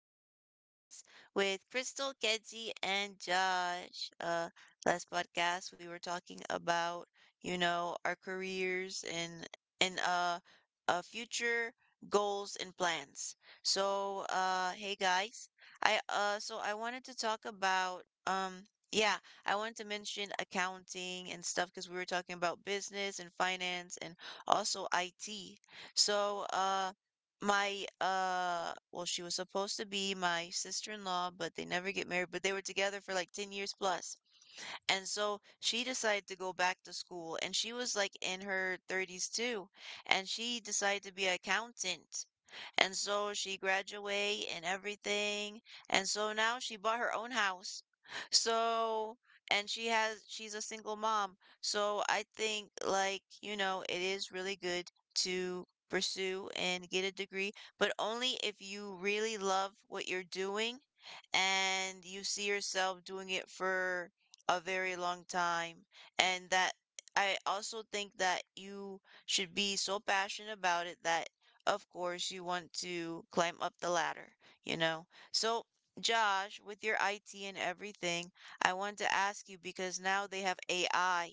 another podcast with Crystal, Kenzie, and Josh. Last podcast we were talking about, our careers and future goals and plans. Hey guys, I wanted to talk about yeah, I wanted to mention accounting and stuff because we were talking about business and finance and also IT. So, uh. My, well, she was supposed to be my sister-in-law, but they never get married, but they were together for like 10 years plus. And so she decided to go back to school and she was like in her 30s too. And she decided to be an accountant. And so she graduated and everything. And so now she bought her own house. So, and she's a single mom. So I think like, it is really good to pursue and get a degree, but only if you really love what you're doing and you see yourself doing it for a very long time. And that I also think that you should be so passionate about it that, of course, you want to climb up the ladder, you know? So, Josh, with your IT and everything, I want to ask you because now they have AI,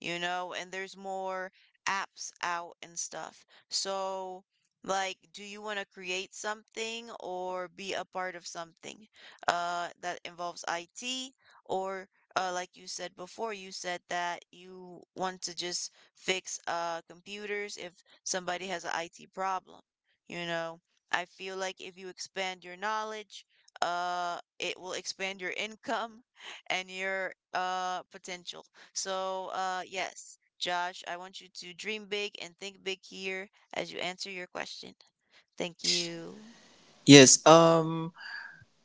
and there's more apps out and stuff. So, like, do you want to create something or be a part of something that involves IT? Or, like you said before, you said that you want to just fix computers if somebody has an IT problem, you know? I feel like if you expand your knowledge, it will expand your income and your potential. So, yes, Josh, I want you to dream big and think big here as you answer your question. Thank you. Yes.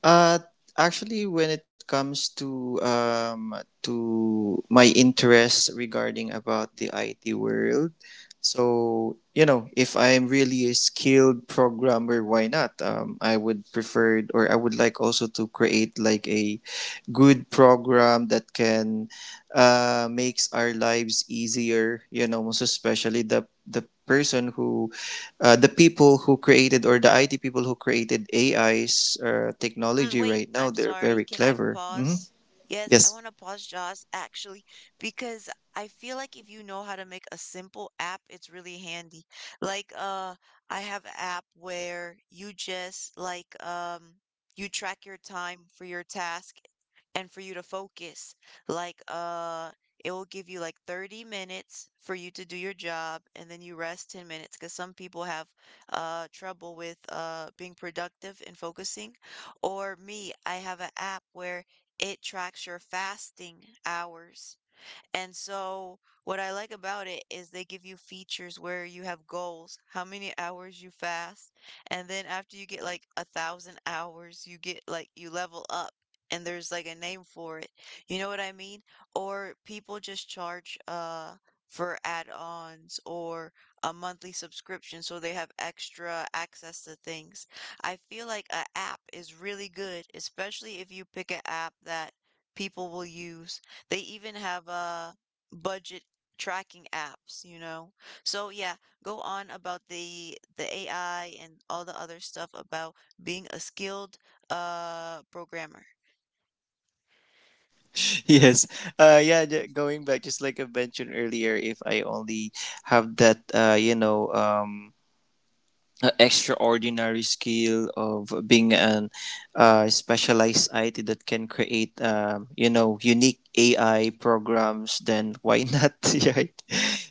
Uh. Actually, when it comes to my interests regarding about the IT world, so you know, if I'm really a skilled programmer, why not? I would prefer, or I would like also to create like a good program that can makes our lives easier, most especially the person who the people who created, or the IT people who created AI's Mm, technology wait, right now. I'm They're sorry. very Can I clever. Mhm. pause? Yes, I Yes. want to pause, Josh, actually, because I feel like if you know how to make a simple app, it's really handy. Like, I have an app where you just like you track your time for your task and for you to focus. Like, it will give you like 30 minutes for you to do your job and then you rest 10 minutes because some people have trouble with being productive and focusing. Or me, I have an app where it tracks your fasting hours. And so, what I like about it is they give you features where you have goals, how many hours you fast, and then after you get like 1,000 hours, you get like you level up. And there's like a name for it. You know what I mean? Or people just charge for add-ons or a monthly subscription so they have extra access to things. I feel like a app is really good, especially if you pick an app that people will use. They even have budget tracking apps. So yeah, go on about the AI and all the other stuff about being a skilled programmer. Yes. Going back, just like I mentioned earlier, if I only have that extraordinary skill of being an specialized IT that can create you know, unique AI programs, then why not? Right?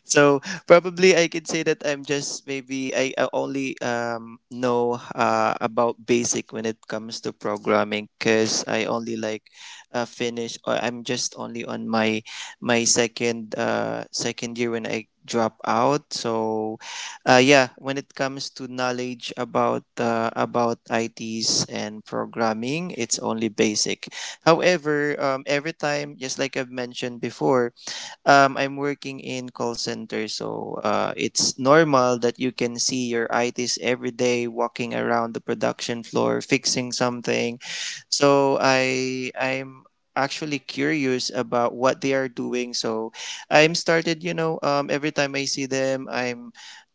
So probably I can say that I'm just maybe I only know about basic when it comes to programming, because I only like finish, or I'm just only on my second year when I drop out. So yeah, when it comes to knowledge about ITs and programming, it's only basic. However, every time, just like I've mentioned before, I'm working in call center, so it's normal that you can see your ITs every day walking around the production floor fixing something. So I'm actually curious about what they are doing. So I'm started, you know, every time I see them, I'm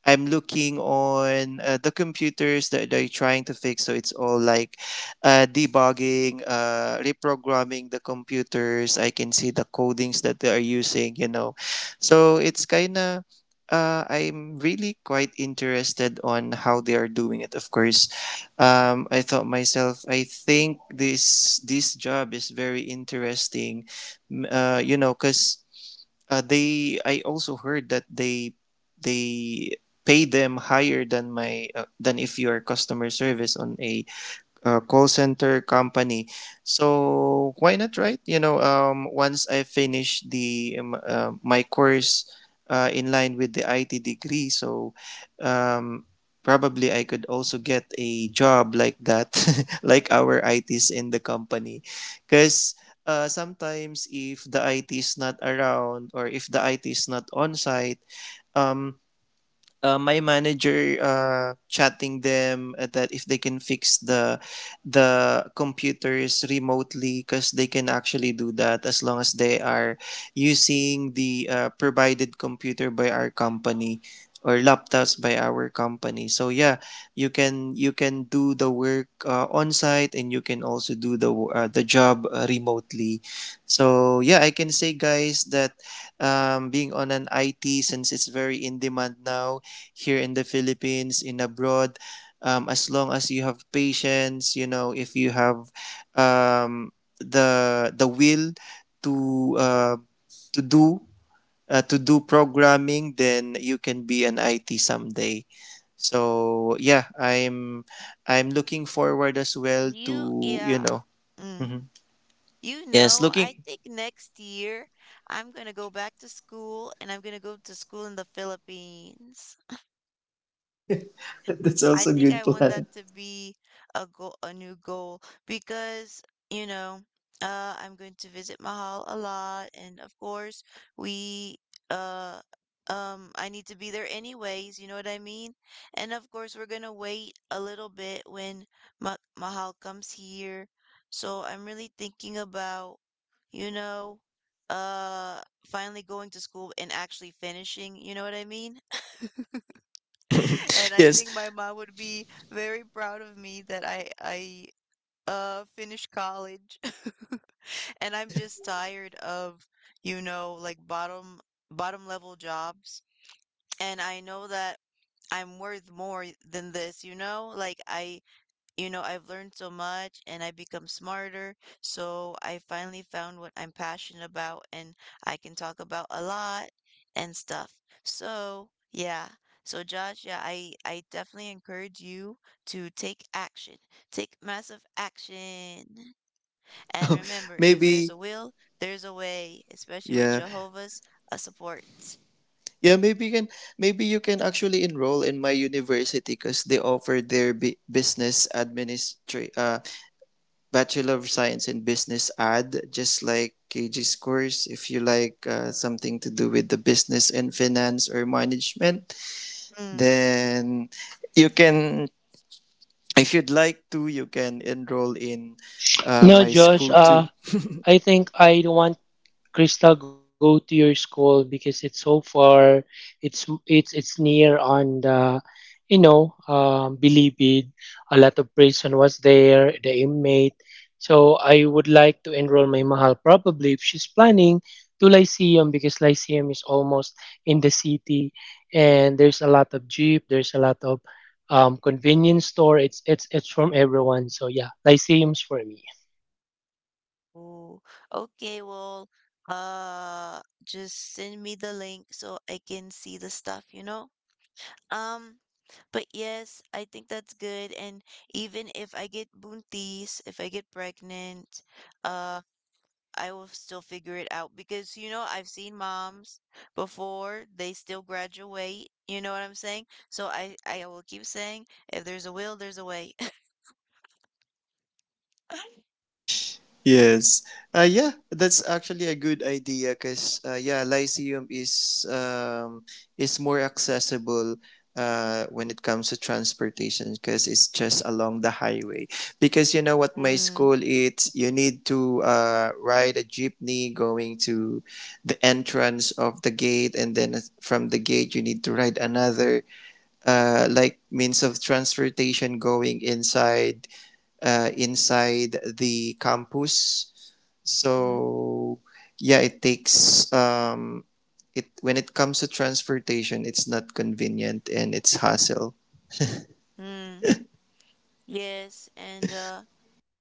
I'm looking on the computers that they're trying to fix. So it's all like debugging, reprogramming the computers. I can see the codings that they are using, you know. So it's kind of, I'm really quite interested on how they are doing it. Of course, I thought myself, I think this job is very interesting, you know, because they. I also heard that they pay them higher than my than if you are customer service on a call center company. So why not, right? You know, once I finish the my course in line with the IT degree, so um, probably I could also get a job like that, like our ITs in the company, because. Sometimes if the IT is not around, or if the IT is not on site, um, my manager chatting them that if they can fix the computers remotely, because they can actually do that as long as they are using the provided computer by our company, or laptops by our company. So yeah, you can do the work on site, and you can also do the the job remotely. So yeah, I can say guys that being on an IT, since it's very in demand now here in the Philippines, in abroad. As long as you have patience, you know, if you have um, the will to uh, to do to do programming, then you can be an IT someday. So yeah, I'm looking forward as well to You, you yeah. know. Mm. Mhm. You Yes, know, I looking. think next year I'm gonna go back to school and I'm gonna go to school in the Philippines. That's I also a think good I want plan. that to be a goal, a new goal, because, you know, I'm going to visit Mahal a lot, and of course, we, uh, I need to be there anyways, you know what I mean? And of course, we're gonna wait a little bit when Ma Mahal comes here. So I'm really thinking about, you know, uh, finally going to school and actually finishing, you know what I mean? And I Yes. think my mom would be very proud of me that I finished college. And I'm just tired of, like bottom level jobs. And I know that I'm worth more than this, you know? Like I've learned so much and I've become smarter. So I finally found what I'm passionate about and I can talk about a lot and stuff. So, yeah. So Josh, yeah, I definitely encourage you to take action. Take massive action. And remember, if there's Maybe. a will, there's a way, especially with Yeah, Jehovah's a support. yeah, maybe you can, actually enroll in my university, because they offer their Bachelor of Science in Business Ad, just like KG's course. If you like something to do with the business and finance or management, Mm. then you can. If you'd like to, you can enroll in my No, school Josh. too. I think I don't want Crystal go to your school because it's so far. It's near on the Bilibid. A lot of prison was there, the inmate. So I would like to enroll my mahal probably if she's planning to Lyceum because Lyceum is almost in the city, and there's a lot of jeep, there's a lot of convenience store. It's from everyone. So yeah, Lyceum's for me. Oh, okay. Well, just send me the link so I can see the stuff, you know? Um, but yes, I think that's good. And even if I get buntis, if I get pregnant, uh, I will still figure it out because, I've seen moms before, they still graduate. You know what I'm saying? So I will keep saying, if there's a will, there's a way. Yes. Yeah, that's actually a good idea because yeah, Lyceum is more accessible when it comes to transportation, because it's just along the highway. Because you know what, my Mm, school, it's you need to ride a jeepney going to the entrance of the gate, and then from the gate you need to ride another like means of transportation going inside inside the campus. mm-hmm. So yeah, it takes it when it comes to transportation, it's not convenient and it's hassle. Mm. Yes, and uh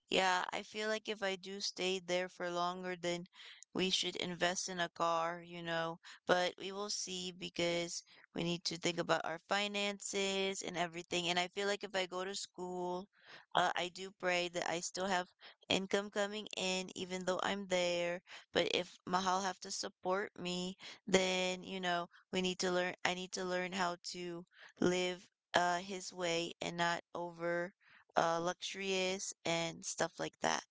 Yeah, I feel like if I do stay there for longer, then we should invest in a car. But we will see because we need to think about our finances and everything. And I feel like if I go to school, I do pray that I still have income coming in, even though I'm there. But if Mahal have to support me, then, we need to learn, I need to learn how to live his way and not over luxurious and stuff like that.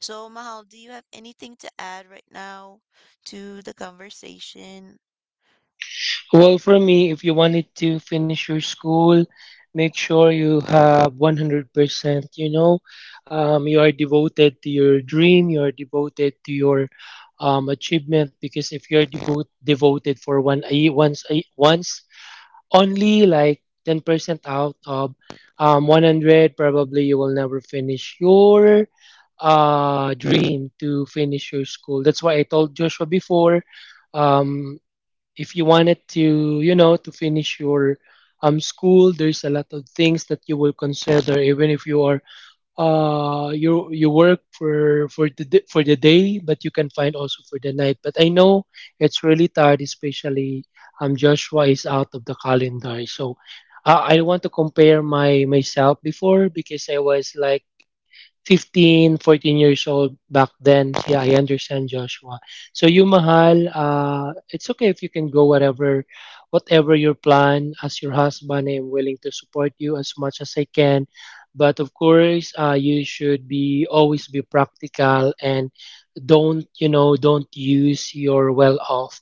So, Mahal, do you have anything to add right now to the conversation? Well, for me, if you wanted to finish your school, make sure you have 100%. You know, you are devoted to your dream, you are devoted to your achievement, because if you're devoted for one a, once only like 10% out of 100, probably you will never finish your dream to finish your school. That's why I told Joshua before. um if you wanted to, to finish your school, there's a lot of things that you will consider. Even if you are you work for for the day, but you can find also for the night. But I know it's really tired, especially Joshua is out of the calendar. So I want to compare my myself before, because I was like 15 14 years old back then. Yeah, I understand, Joshua. So you, Mahal, it's okay if you can go whatever, whatever your plan. As your husband, I am willing to support you as much as I can. But of course, you should be always be practical, and don't use your well off,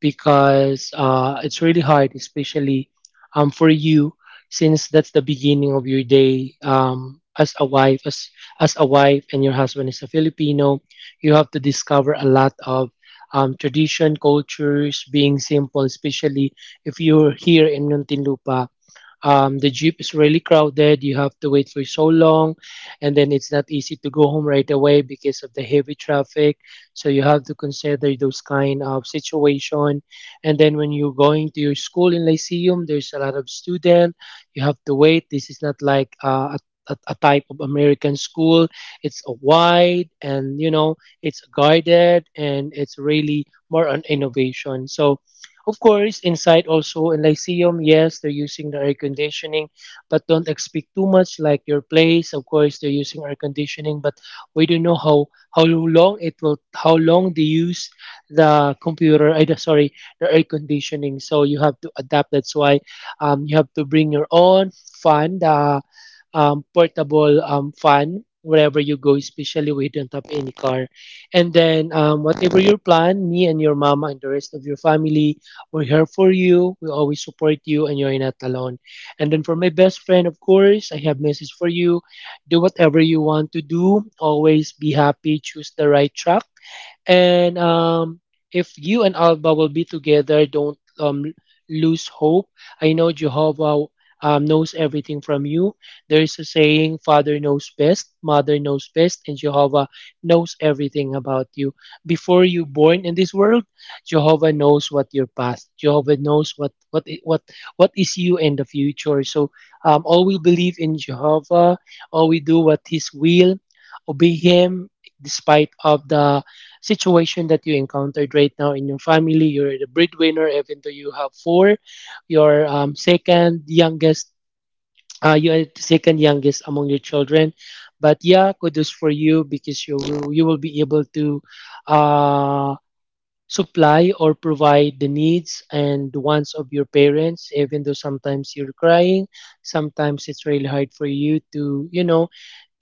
because it's really hard, especially for you, since that's the beginning of your day, as a wife, as a wife, and your husband is a Filipino. You have to discover a lot of tradition, cultures, being simple, especially if you're here in Muntinlupa. The jeep is really crowded. You have to wait for so long, and then it's not easy to go home right away because of the heavy traffic. So you have to consider those kind of situation. And then when you're going to your school in Lyceum, there's a lot of student. You have to wait. This is not like a type of American school. It's a wide, and it's guided, and it's really more on innovation. So, of course, inside also in Lyceum, yes, they're using the air conditioning, but don't expect too much like your place. Of course, they're using air conditioning, but we don't know how long they use the computer. I sorry, the air conditioning. So you have to adapt. That's why you have to bring your own fan. The portable fan wherever you go, especially we don't have any car. And then whatever your plan, me and your mama and the rest of your family, we're here for you. We always support you, and you're not alone. And then for my best friend, of course, I have message for you. Do whatever you want to do. Always be happy. Choose the right track. And if you and Alba will be together, don't lose hope. I know Jehovah knows everything from you. There is a saying: Father knows best, Mother knows best, and Jehovah knows everything about you. Before you born in this world, Jehovah knows what your past. Jehovah knows what is you in the future. So all we believe in Jehovah, all we do what His will, obey Him, despite of the situation that you encountered right now in your family. You're the breadwinner, even though you have four, your second youngest, you are second youngest among your children. But yeah, kudos for you, because you will be able to uh, supply or provide the needs and the wants of your parents, even though sometimes you're crying, sometimes it's really hard for you to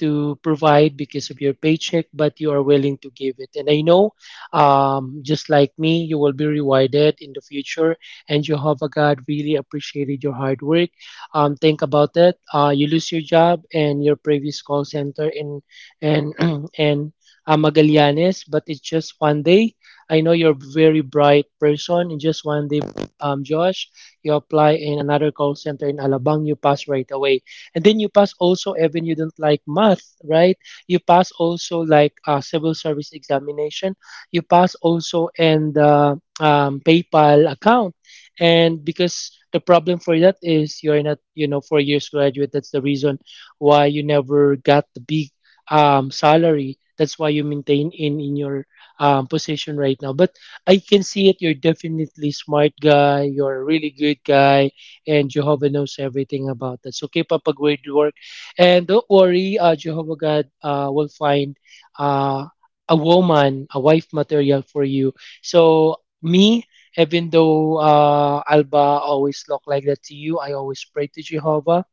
to provide because of your paycheck, but you are willing to give it. And I know, just like me, you will be rewarded in the future. And Jehovah God really appreciated your hard work. Think about it. You lose your job and your previous call center in and and Magallanes, but it's just one day. I know you're a very bright person. In just one day, Josh, you apply in another call center in Alabang, you pass right away, and then you pass also even you don't like math, right? You pass also like civil service examination. You pass also, and PayPal account. And because the problem for that is you're not 4 years graduate, that's the reason why you never got the big salary. That's why you maintain in your position right now. But I can see it, you're definitely smart guy, you're a really good guy, and Jehovah knows everything about that. So keep up a great work, and don't worry, Jehovah God will find uh, a woman, a wife material for you. So me, even though Alba always look like that to you, I always pray to Jehovah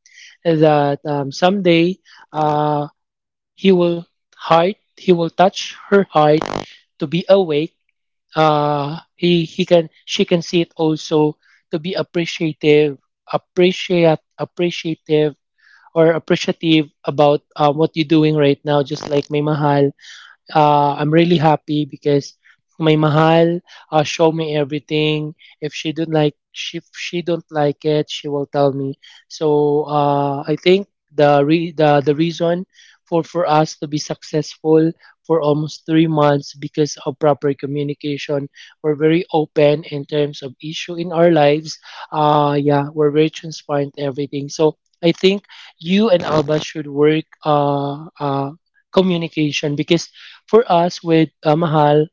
that someday uh, He will He will touch her heart to be awake. He can she can see it also, to be appreciative, appreciate appreciative or appreciative about what you're doing right now. Just like may mahal, I'm really happy because my mahal show me everything. If she don't like it, she will tell me. So I think the re- the reason for us to be successful for almost 3 months, because of proper communication. We're very open in terms of issue in our lives. Yeah, we're very transparent everything. So I think you and Alba should work communication, because for us, with Mahal,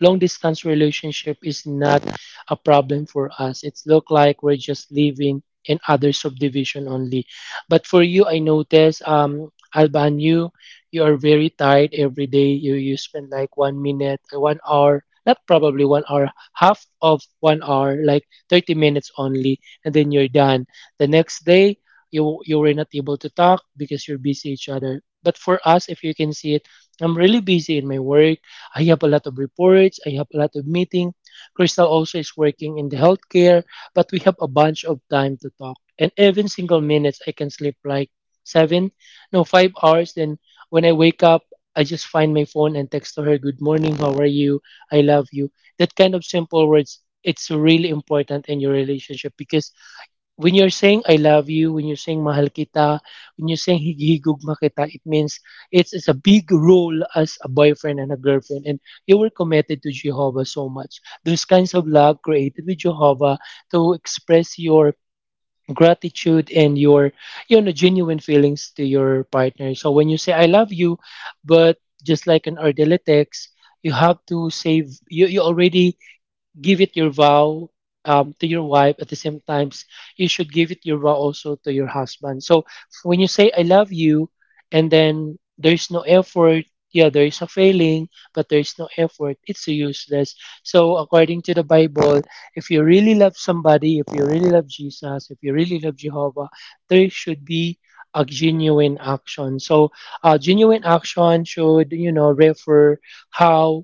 long distance relationship is not a problem for us. It's look like we're just living in other subdivision only. But for you, I notice, Alban, you are very tired every day. You spend like one minute, one hour, not probably one hour, half of one hour, like 30 minutes only, and then you're done. The next day, you were not able to talk because you're busy each other. But for us, if you can see it, I'm really busy in my work. I have a lot of reports. I have a lot of meeting. Crystal also is working in the healthcare, but we have a bunch of time to talk. And every single minute, I can sleep like seven, no, 5 hours. Then when I wake up, I just find my phone and text to her, "Good morning, how are you? I love you." That kind of simple words, it's really important in your relationship, because when you're saying I love you, when you're saying mahal kita, when you're saying higihigugma kita, it means it's a big role as a boyfriend and a girlfriend. And you were committed to Jehovah so much. Those kinds of love created with Jehovah to express your gratitude and your genuine feelings to your partner. So when you say I love you, but just like an Ardele text, you have to save you, you already give it your vow to your wife. At the same times you should give it your vow also to your husband. So when you say I love you, and then there's no effort, yeah, there is a failing, but there's no effort, it's useless. So according to the Bible, if you really love somebody, if you really love Jesus, if you really love Jehovah, there should be a genuine action. So genuine action should refer how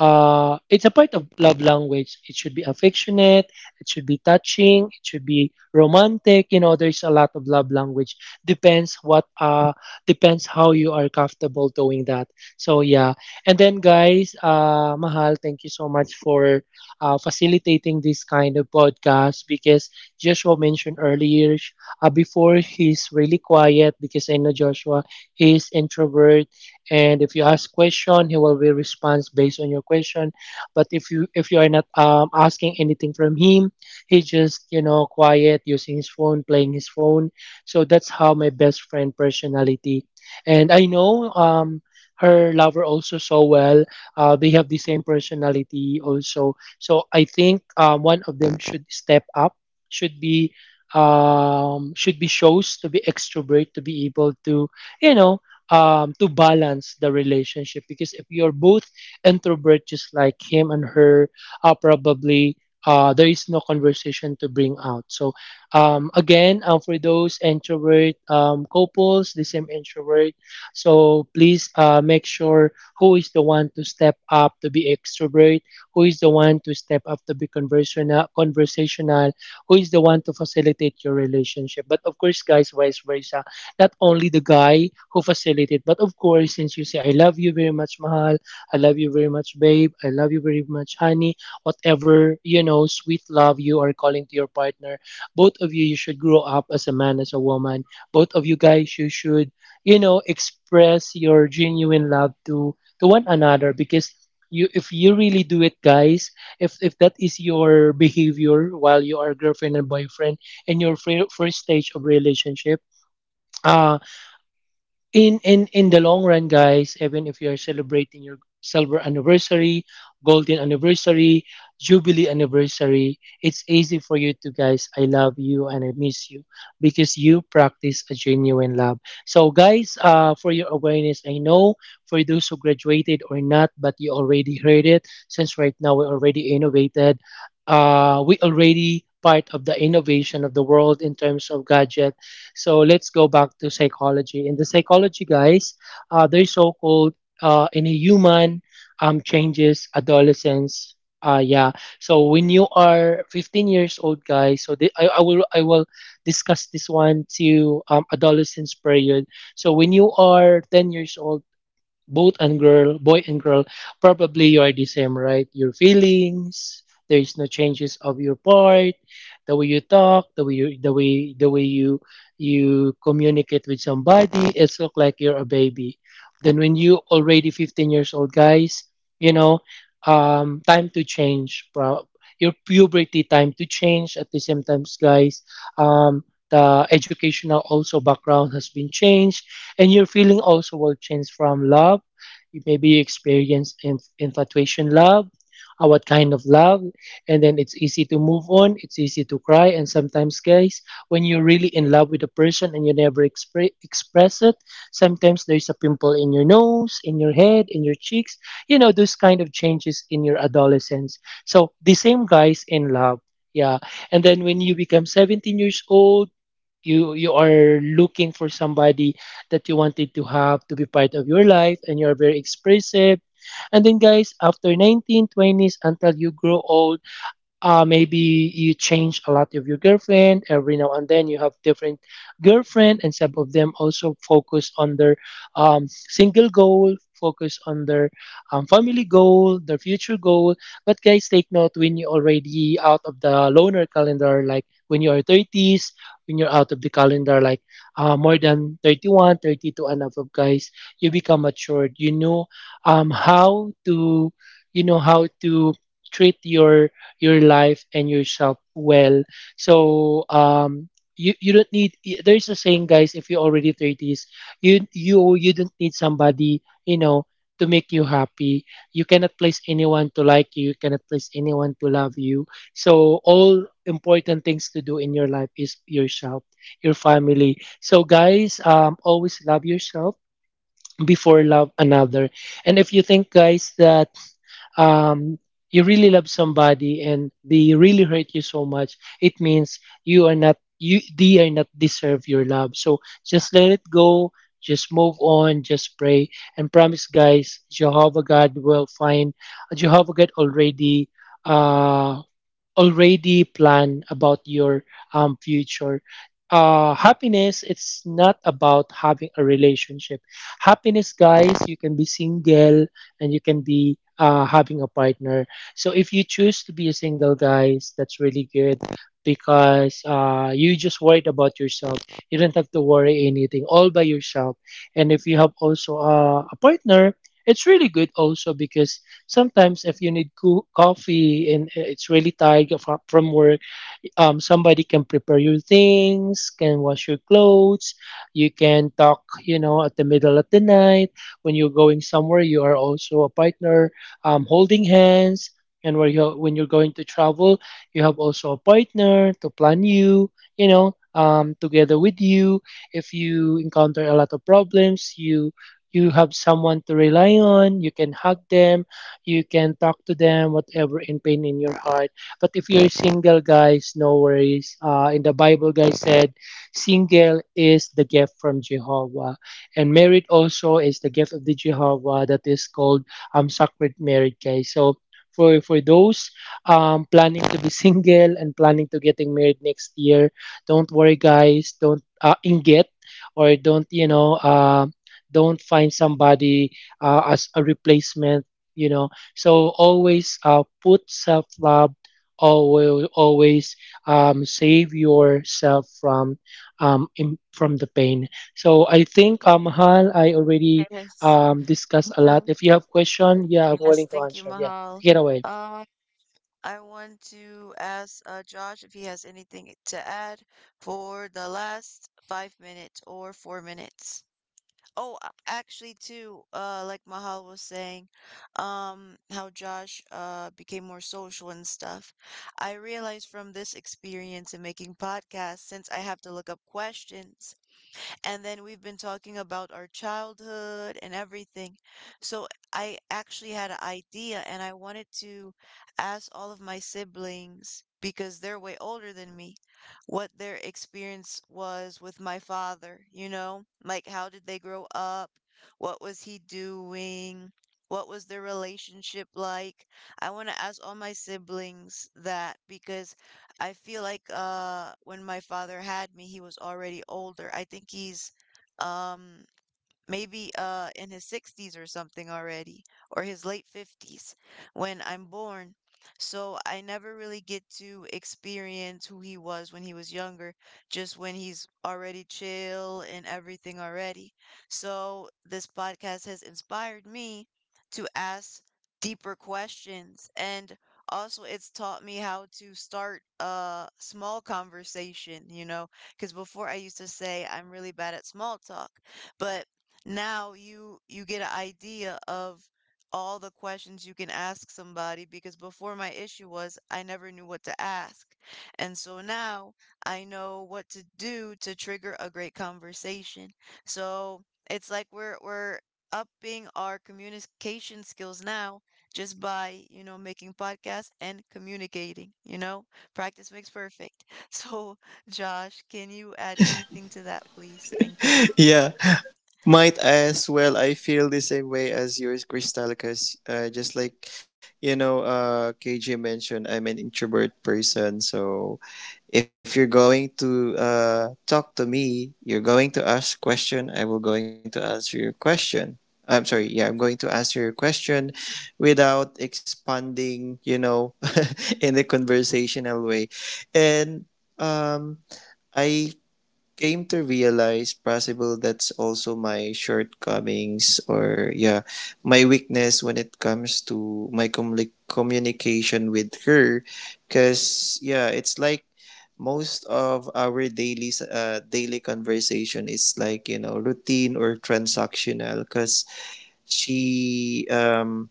it's a part of love language. It should be affectionate. It should be touching. It should be romantic. There's a lot of love language. Depends what uh depends how you are comfortable doing that. So yeah, and then guys, Mahal, thank you so much for facilitating this kind of podcast because Joshua mentioned earlier before, he's really quiet because I know Joshua is introvert. And if you ask question, he will be response based on your question. But if you are not asking anything from him, he just, you know, quiet using his phone, playing his phone. So that's how my best friend personality. And I know her lover also so well. They have the same personality also, so I think one of them should step up, should be, should be shows to be extrovert, to be able to, you know, to balance the relationship. Because if you're both introvert just like him and her, probably there is no conversation to bring out. So again, for those introvert couples, the same introvert, so please make sure who is the one to step up to be extrovert, who is the one to step up to be conversational, who is the one to facilitate your relationship. But of course guys, vice versa, not only the guy who facilitated, but of course, since you say, I love you very much, Mahal, I love you very much, babe, I love you very much, honey, whatever, you know, sweet love you are calling to your partner, both of you, you should grow up as a man, as a woman. Both of you guys, you should, you know, express your genuine love to one another. Because you, if you really do it guys, if that is your behavior while you are girlfriend and boyfriend in your first stage of relationship, ah, in the long run guys, even if you're celebrating your silver anniversary, golden anniversary, jubilee anniversary, it's easy for you to guys, I love you and I miss you, because you practice a genuine love. So guys, uh, for your awareness, I know, for those who graduated or not, but you already heard it. Since right now we already innovated, uh, we already part of the innovation of the world in terms of gadget. So let's go back to psychology. In the psychology, guys, there's so-called in a human changes adolescence. Yeah. So when you are 15 years old, guys, so the, I will discuss this one to adolescence period. So when you are 10 years old, both and girl, boy and girl, probably you are the same, right? Your feelings, there is no changes of your part, the way you talk, the way you, the way you you communicate with somebody, it's look like you're a baby. Then when you already 15 years old, guys, you know, time to change. Your puberty time to change at the same times, guys. Um, the educational also background has been changed, and your feeling also will change from love. You maybe experience infatuation love, what kind of love, and then it's easy to move on. It's easy to cry, and sometimes, guys, when you're really in love with a person and you never express it, sometimes there's a pimple in your nose, in your head, in your cheeks. You know those kind of changes in your adolescence. So the same guys in love. Yeah. And then when you become 17 years old, you are looking for somebody that you wanted to have to be part of your life, and you are very expressive. And then guys, after 19 20s until you grow old, maybe you change a lot of your girlfriend. Every now and then you have different girlfriend, and some of them also focus on their single goal, focus on their family goal, their future goal. But guys, take note, when you already out of the loner calendar, like when you are 30s, when you're out of the calendar, like more than 31, 32 and above, guys, you become matured, you know, how to, you know, how to treat your life and yourself well. So you don't need there's a saying guys, if you're already 30s, you don't need somebody, you know, to make you happy. You cannot place anyone to like you cannot place anyone to love you. So all important things to do in your life is yourself, your family. So guys, always love yourself before love another. And if you think guys that um, you really love somebody and they really hurt you so much, it means you are not you they are not deserve your love. So just let it go. Just move on. Just pray and promise, guys. Jehovah God will find. Jehovah God already. Uh, already plan about your future, happiness. It's not about having a relationship, happiness, guys. You can be single, and you can be, having a partner. So if you choose to be a single guys, that's really good, because you just worried about yourself, you don't have to worry anything all by yourself. And if you have also a partner, it's really good also, because sometimes if you need coffee, and it's really tired you from work, somebody can prepare your things, can wash your clothes. You can talk, you know, at the middle of the night when you're going somewhere. You are also a partner, holding hands. And where you when you're going to travel, you have also a partner to plan you, you know, together with you. If you encounter a lot of problems, you have someone to rely on. You can hug them, you can talk to them, whatever in pain in your heart. But if you're single, guys, no worries. In the Bible, guys said, single is the gift from Jehovah, and married also is the gift of the Jehovah. That is called sacred marriage, guys. So for those planning to be single and planning to getting married next year, don't worry, guys. Don't inget, or don't, you know, don't find somebody as a replacement, you know. So always put self love, always save yourself from from the pain. So I think Hal, I already Yes. Discussed a lot. If you have question, yeah, I'm Yes, willing to thank you, answer. Yeah, Mahal. take it away. Um, I want to ask Josh if he has anything to add for the last 5 minutes or 4 minutes. Oh, actually, too, like Mahal was saying, how Josh became more social and stuff. I realized from this experience in making podcasts, since I have to look up questions, and then we've been talking about our childhood and everything. So I actually had an idea and I wanted to ask all of my siblings, because they're way older than me, what their experience was with my father, you know? Like, how did they grow up? What was he doing? What was their relationship like? I want to ask all my siblings that because I feel like when my father had me, he was already older. I think he's um maybe in his 60s or something already or his late 50s when I'm born. So I never really get to experience who he was when he was younger, just when he's already chill and everything already. So this podcast has inspired me to ask deeper questions and also it's taught me how to start a small conversation, because before I used to say I'm really bad at small talk, but now you get an idea of all the questions you can ask somebody because before my issue was I never knew what to ask. And so now I know what to do to trigger a great conversation. So it's like we're upping our communication skills now just by, making podcasts and communicating, you know? Practice makes perfect. So, Josh, can you add anything to that, please? Thank you. Yeah, might as well. I feel the same way as yours, Crystal, because just like you know, KJ mentioned, I'm an introvert person. So if you're going to talk to me, you're going to ask question. I will going to answer your question. I'm sorry. Yeah, I'm going to answer your question without expanding, you know, in a conversational way. And um, I came to realize possible that's also my shortcomings, or yeah, my weakness when it comes to my communication with her. Cause yeah, it's like most of our daily conversation is like, you know, routine or transactional, because she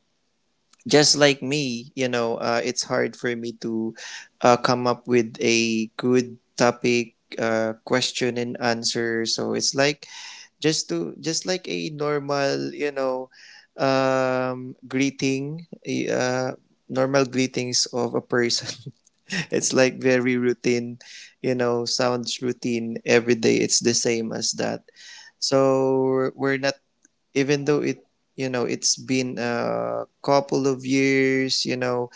just like me, you know, it's hard for me to come up with a good topic, question and answer. So it's like, just to just like a normal, you know, greeting, normal greetings of a person. It's like very routine, you know, sounds routine every day, it's the same as that. So we're not, even though it you know it's been a couple of years, you know,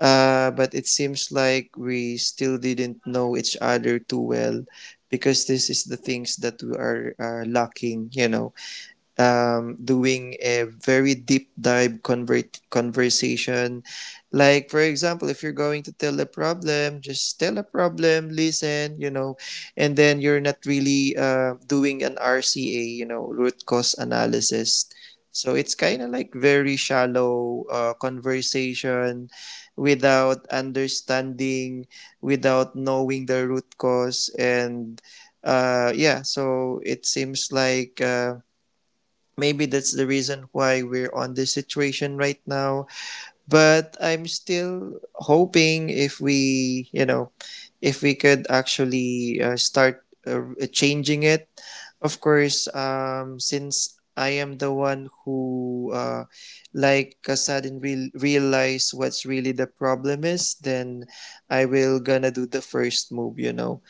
but it seems like we still didn't know each other too well, because this is the things that we are lacking, you know, doing a very deep dive convert conversation. Like for example, if you're going to tell a problem, just tell a problem, listen, you know, and then you're not really doing an RCA, you know, root cause analysis. So it's kind of like very shallow conversation, without understanding, without knowing the root cause. And yeah So it seems like maybe that's the reason why we're on this situation right now. But I'm still hoping if we, you know, if we could actually start changing it. Of course, since I am the one who, like sudden realize what's really the problem is, then I will gonna do the first move, you know,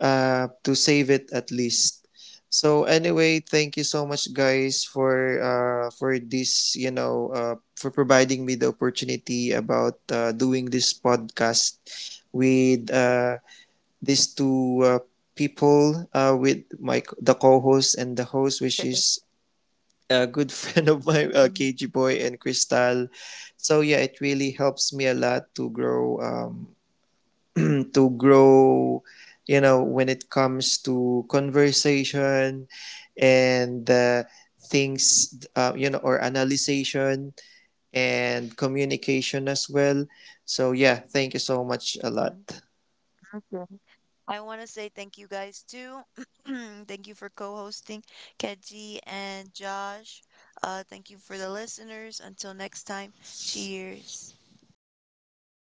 to save it at least. So anyway, thank you so much, guys, for this. You know, for providing me the opportunity about doing this podcast with these two people, with my the co-host and the host, which is a good friend of mine, Mhm. KG Boy and Crystal. So yeah, it really helps me a lot to grow, to grow, you know, when it comes to conversation and things, you know, or analyzation and communication as well. So yeah, thank you so much a lot. Okay. I want to say thank you guys too. Thank you for co-hosting, Keji and Josh. Thank you for the listeners. Until next time, cheers. Oh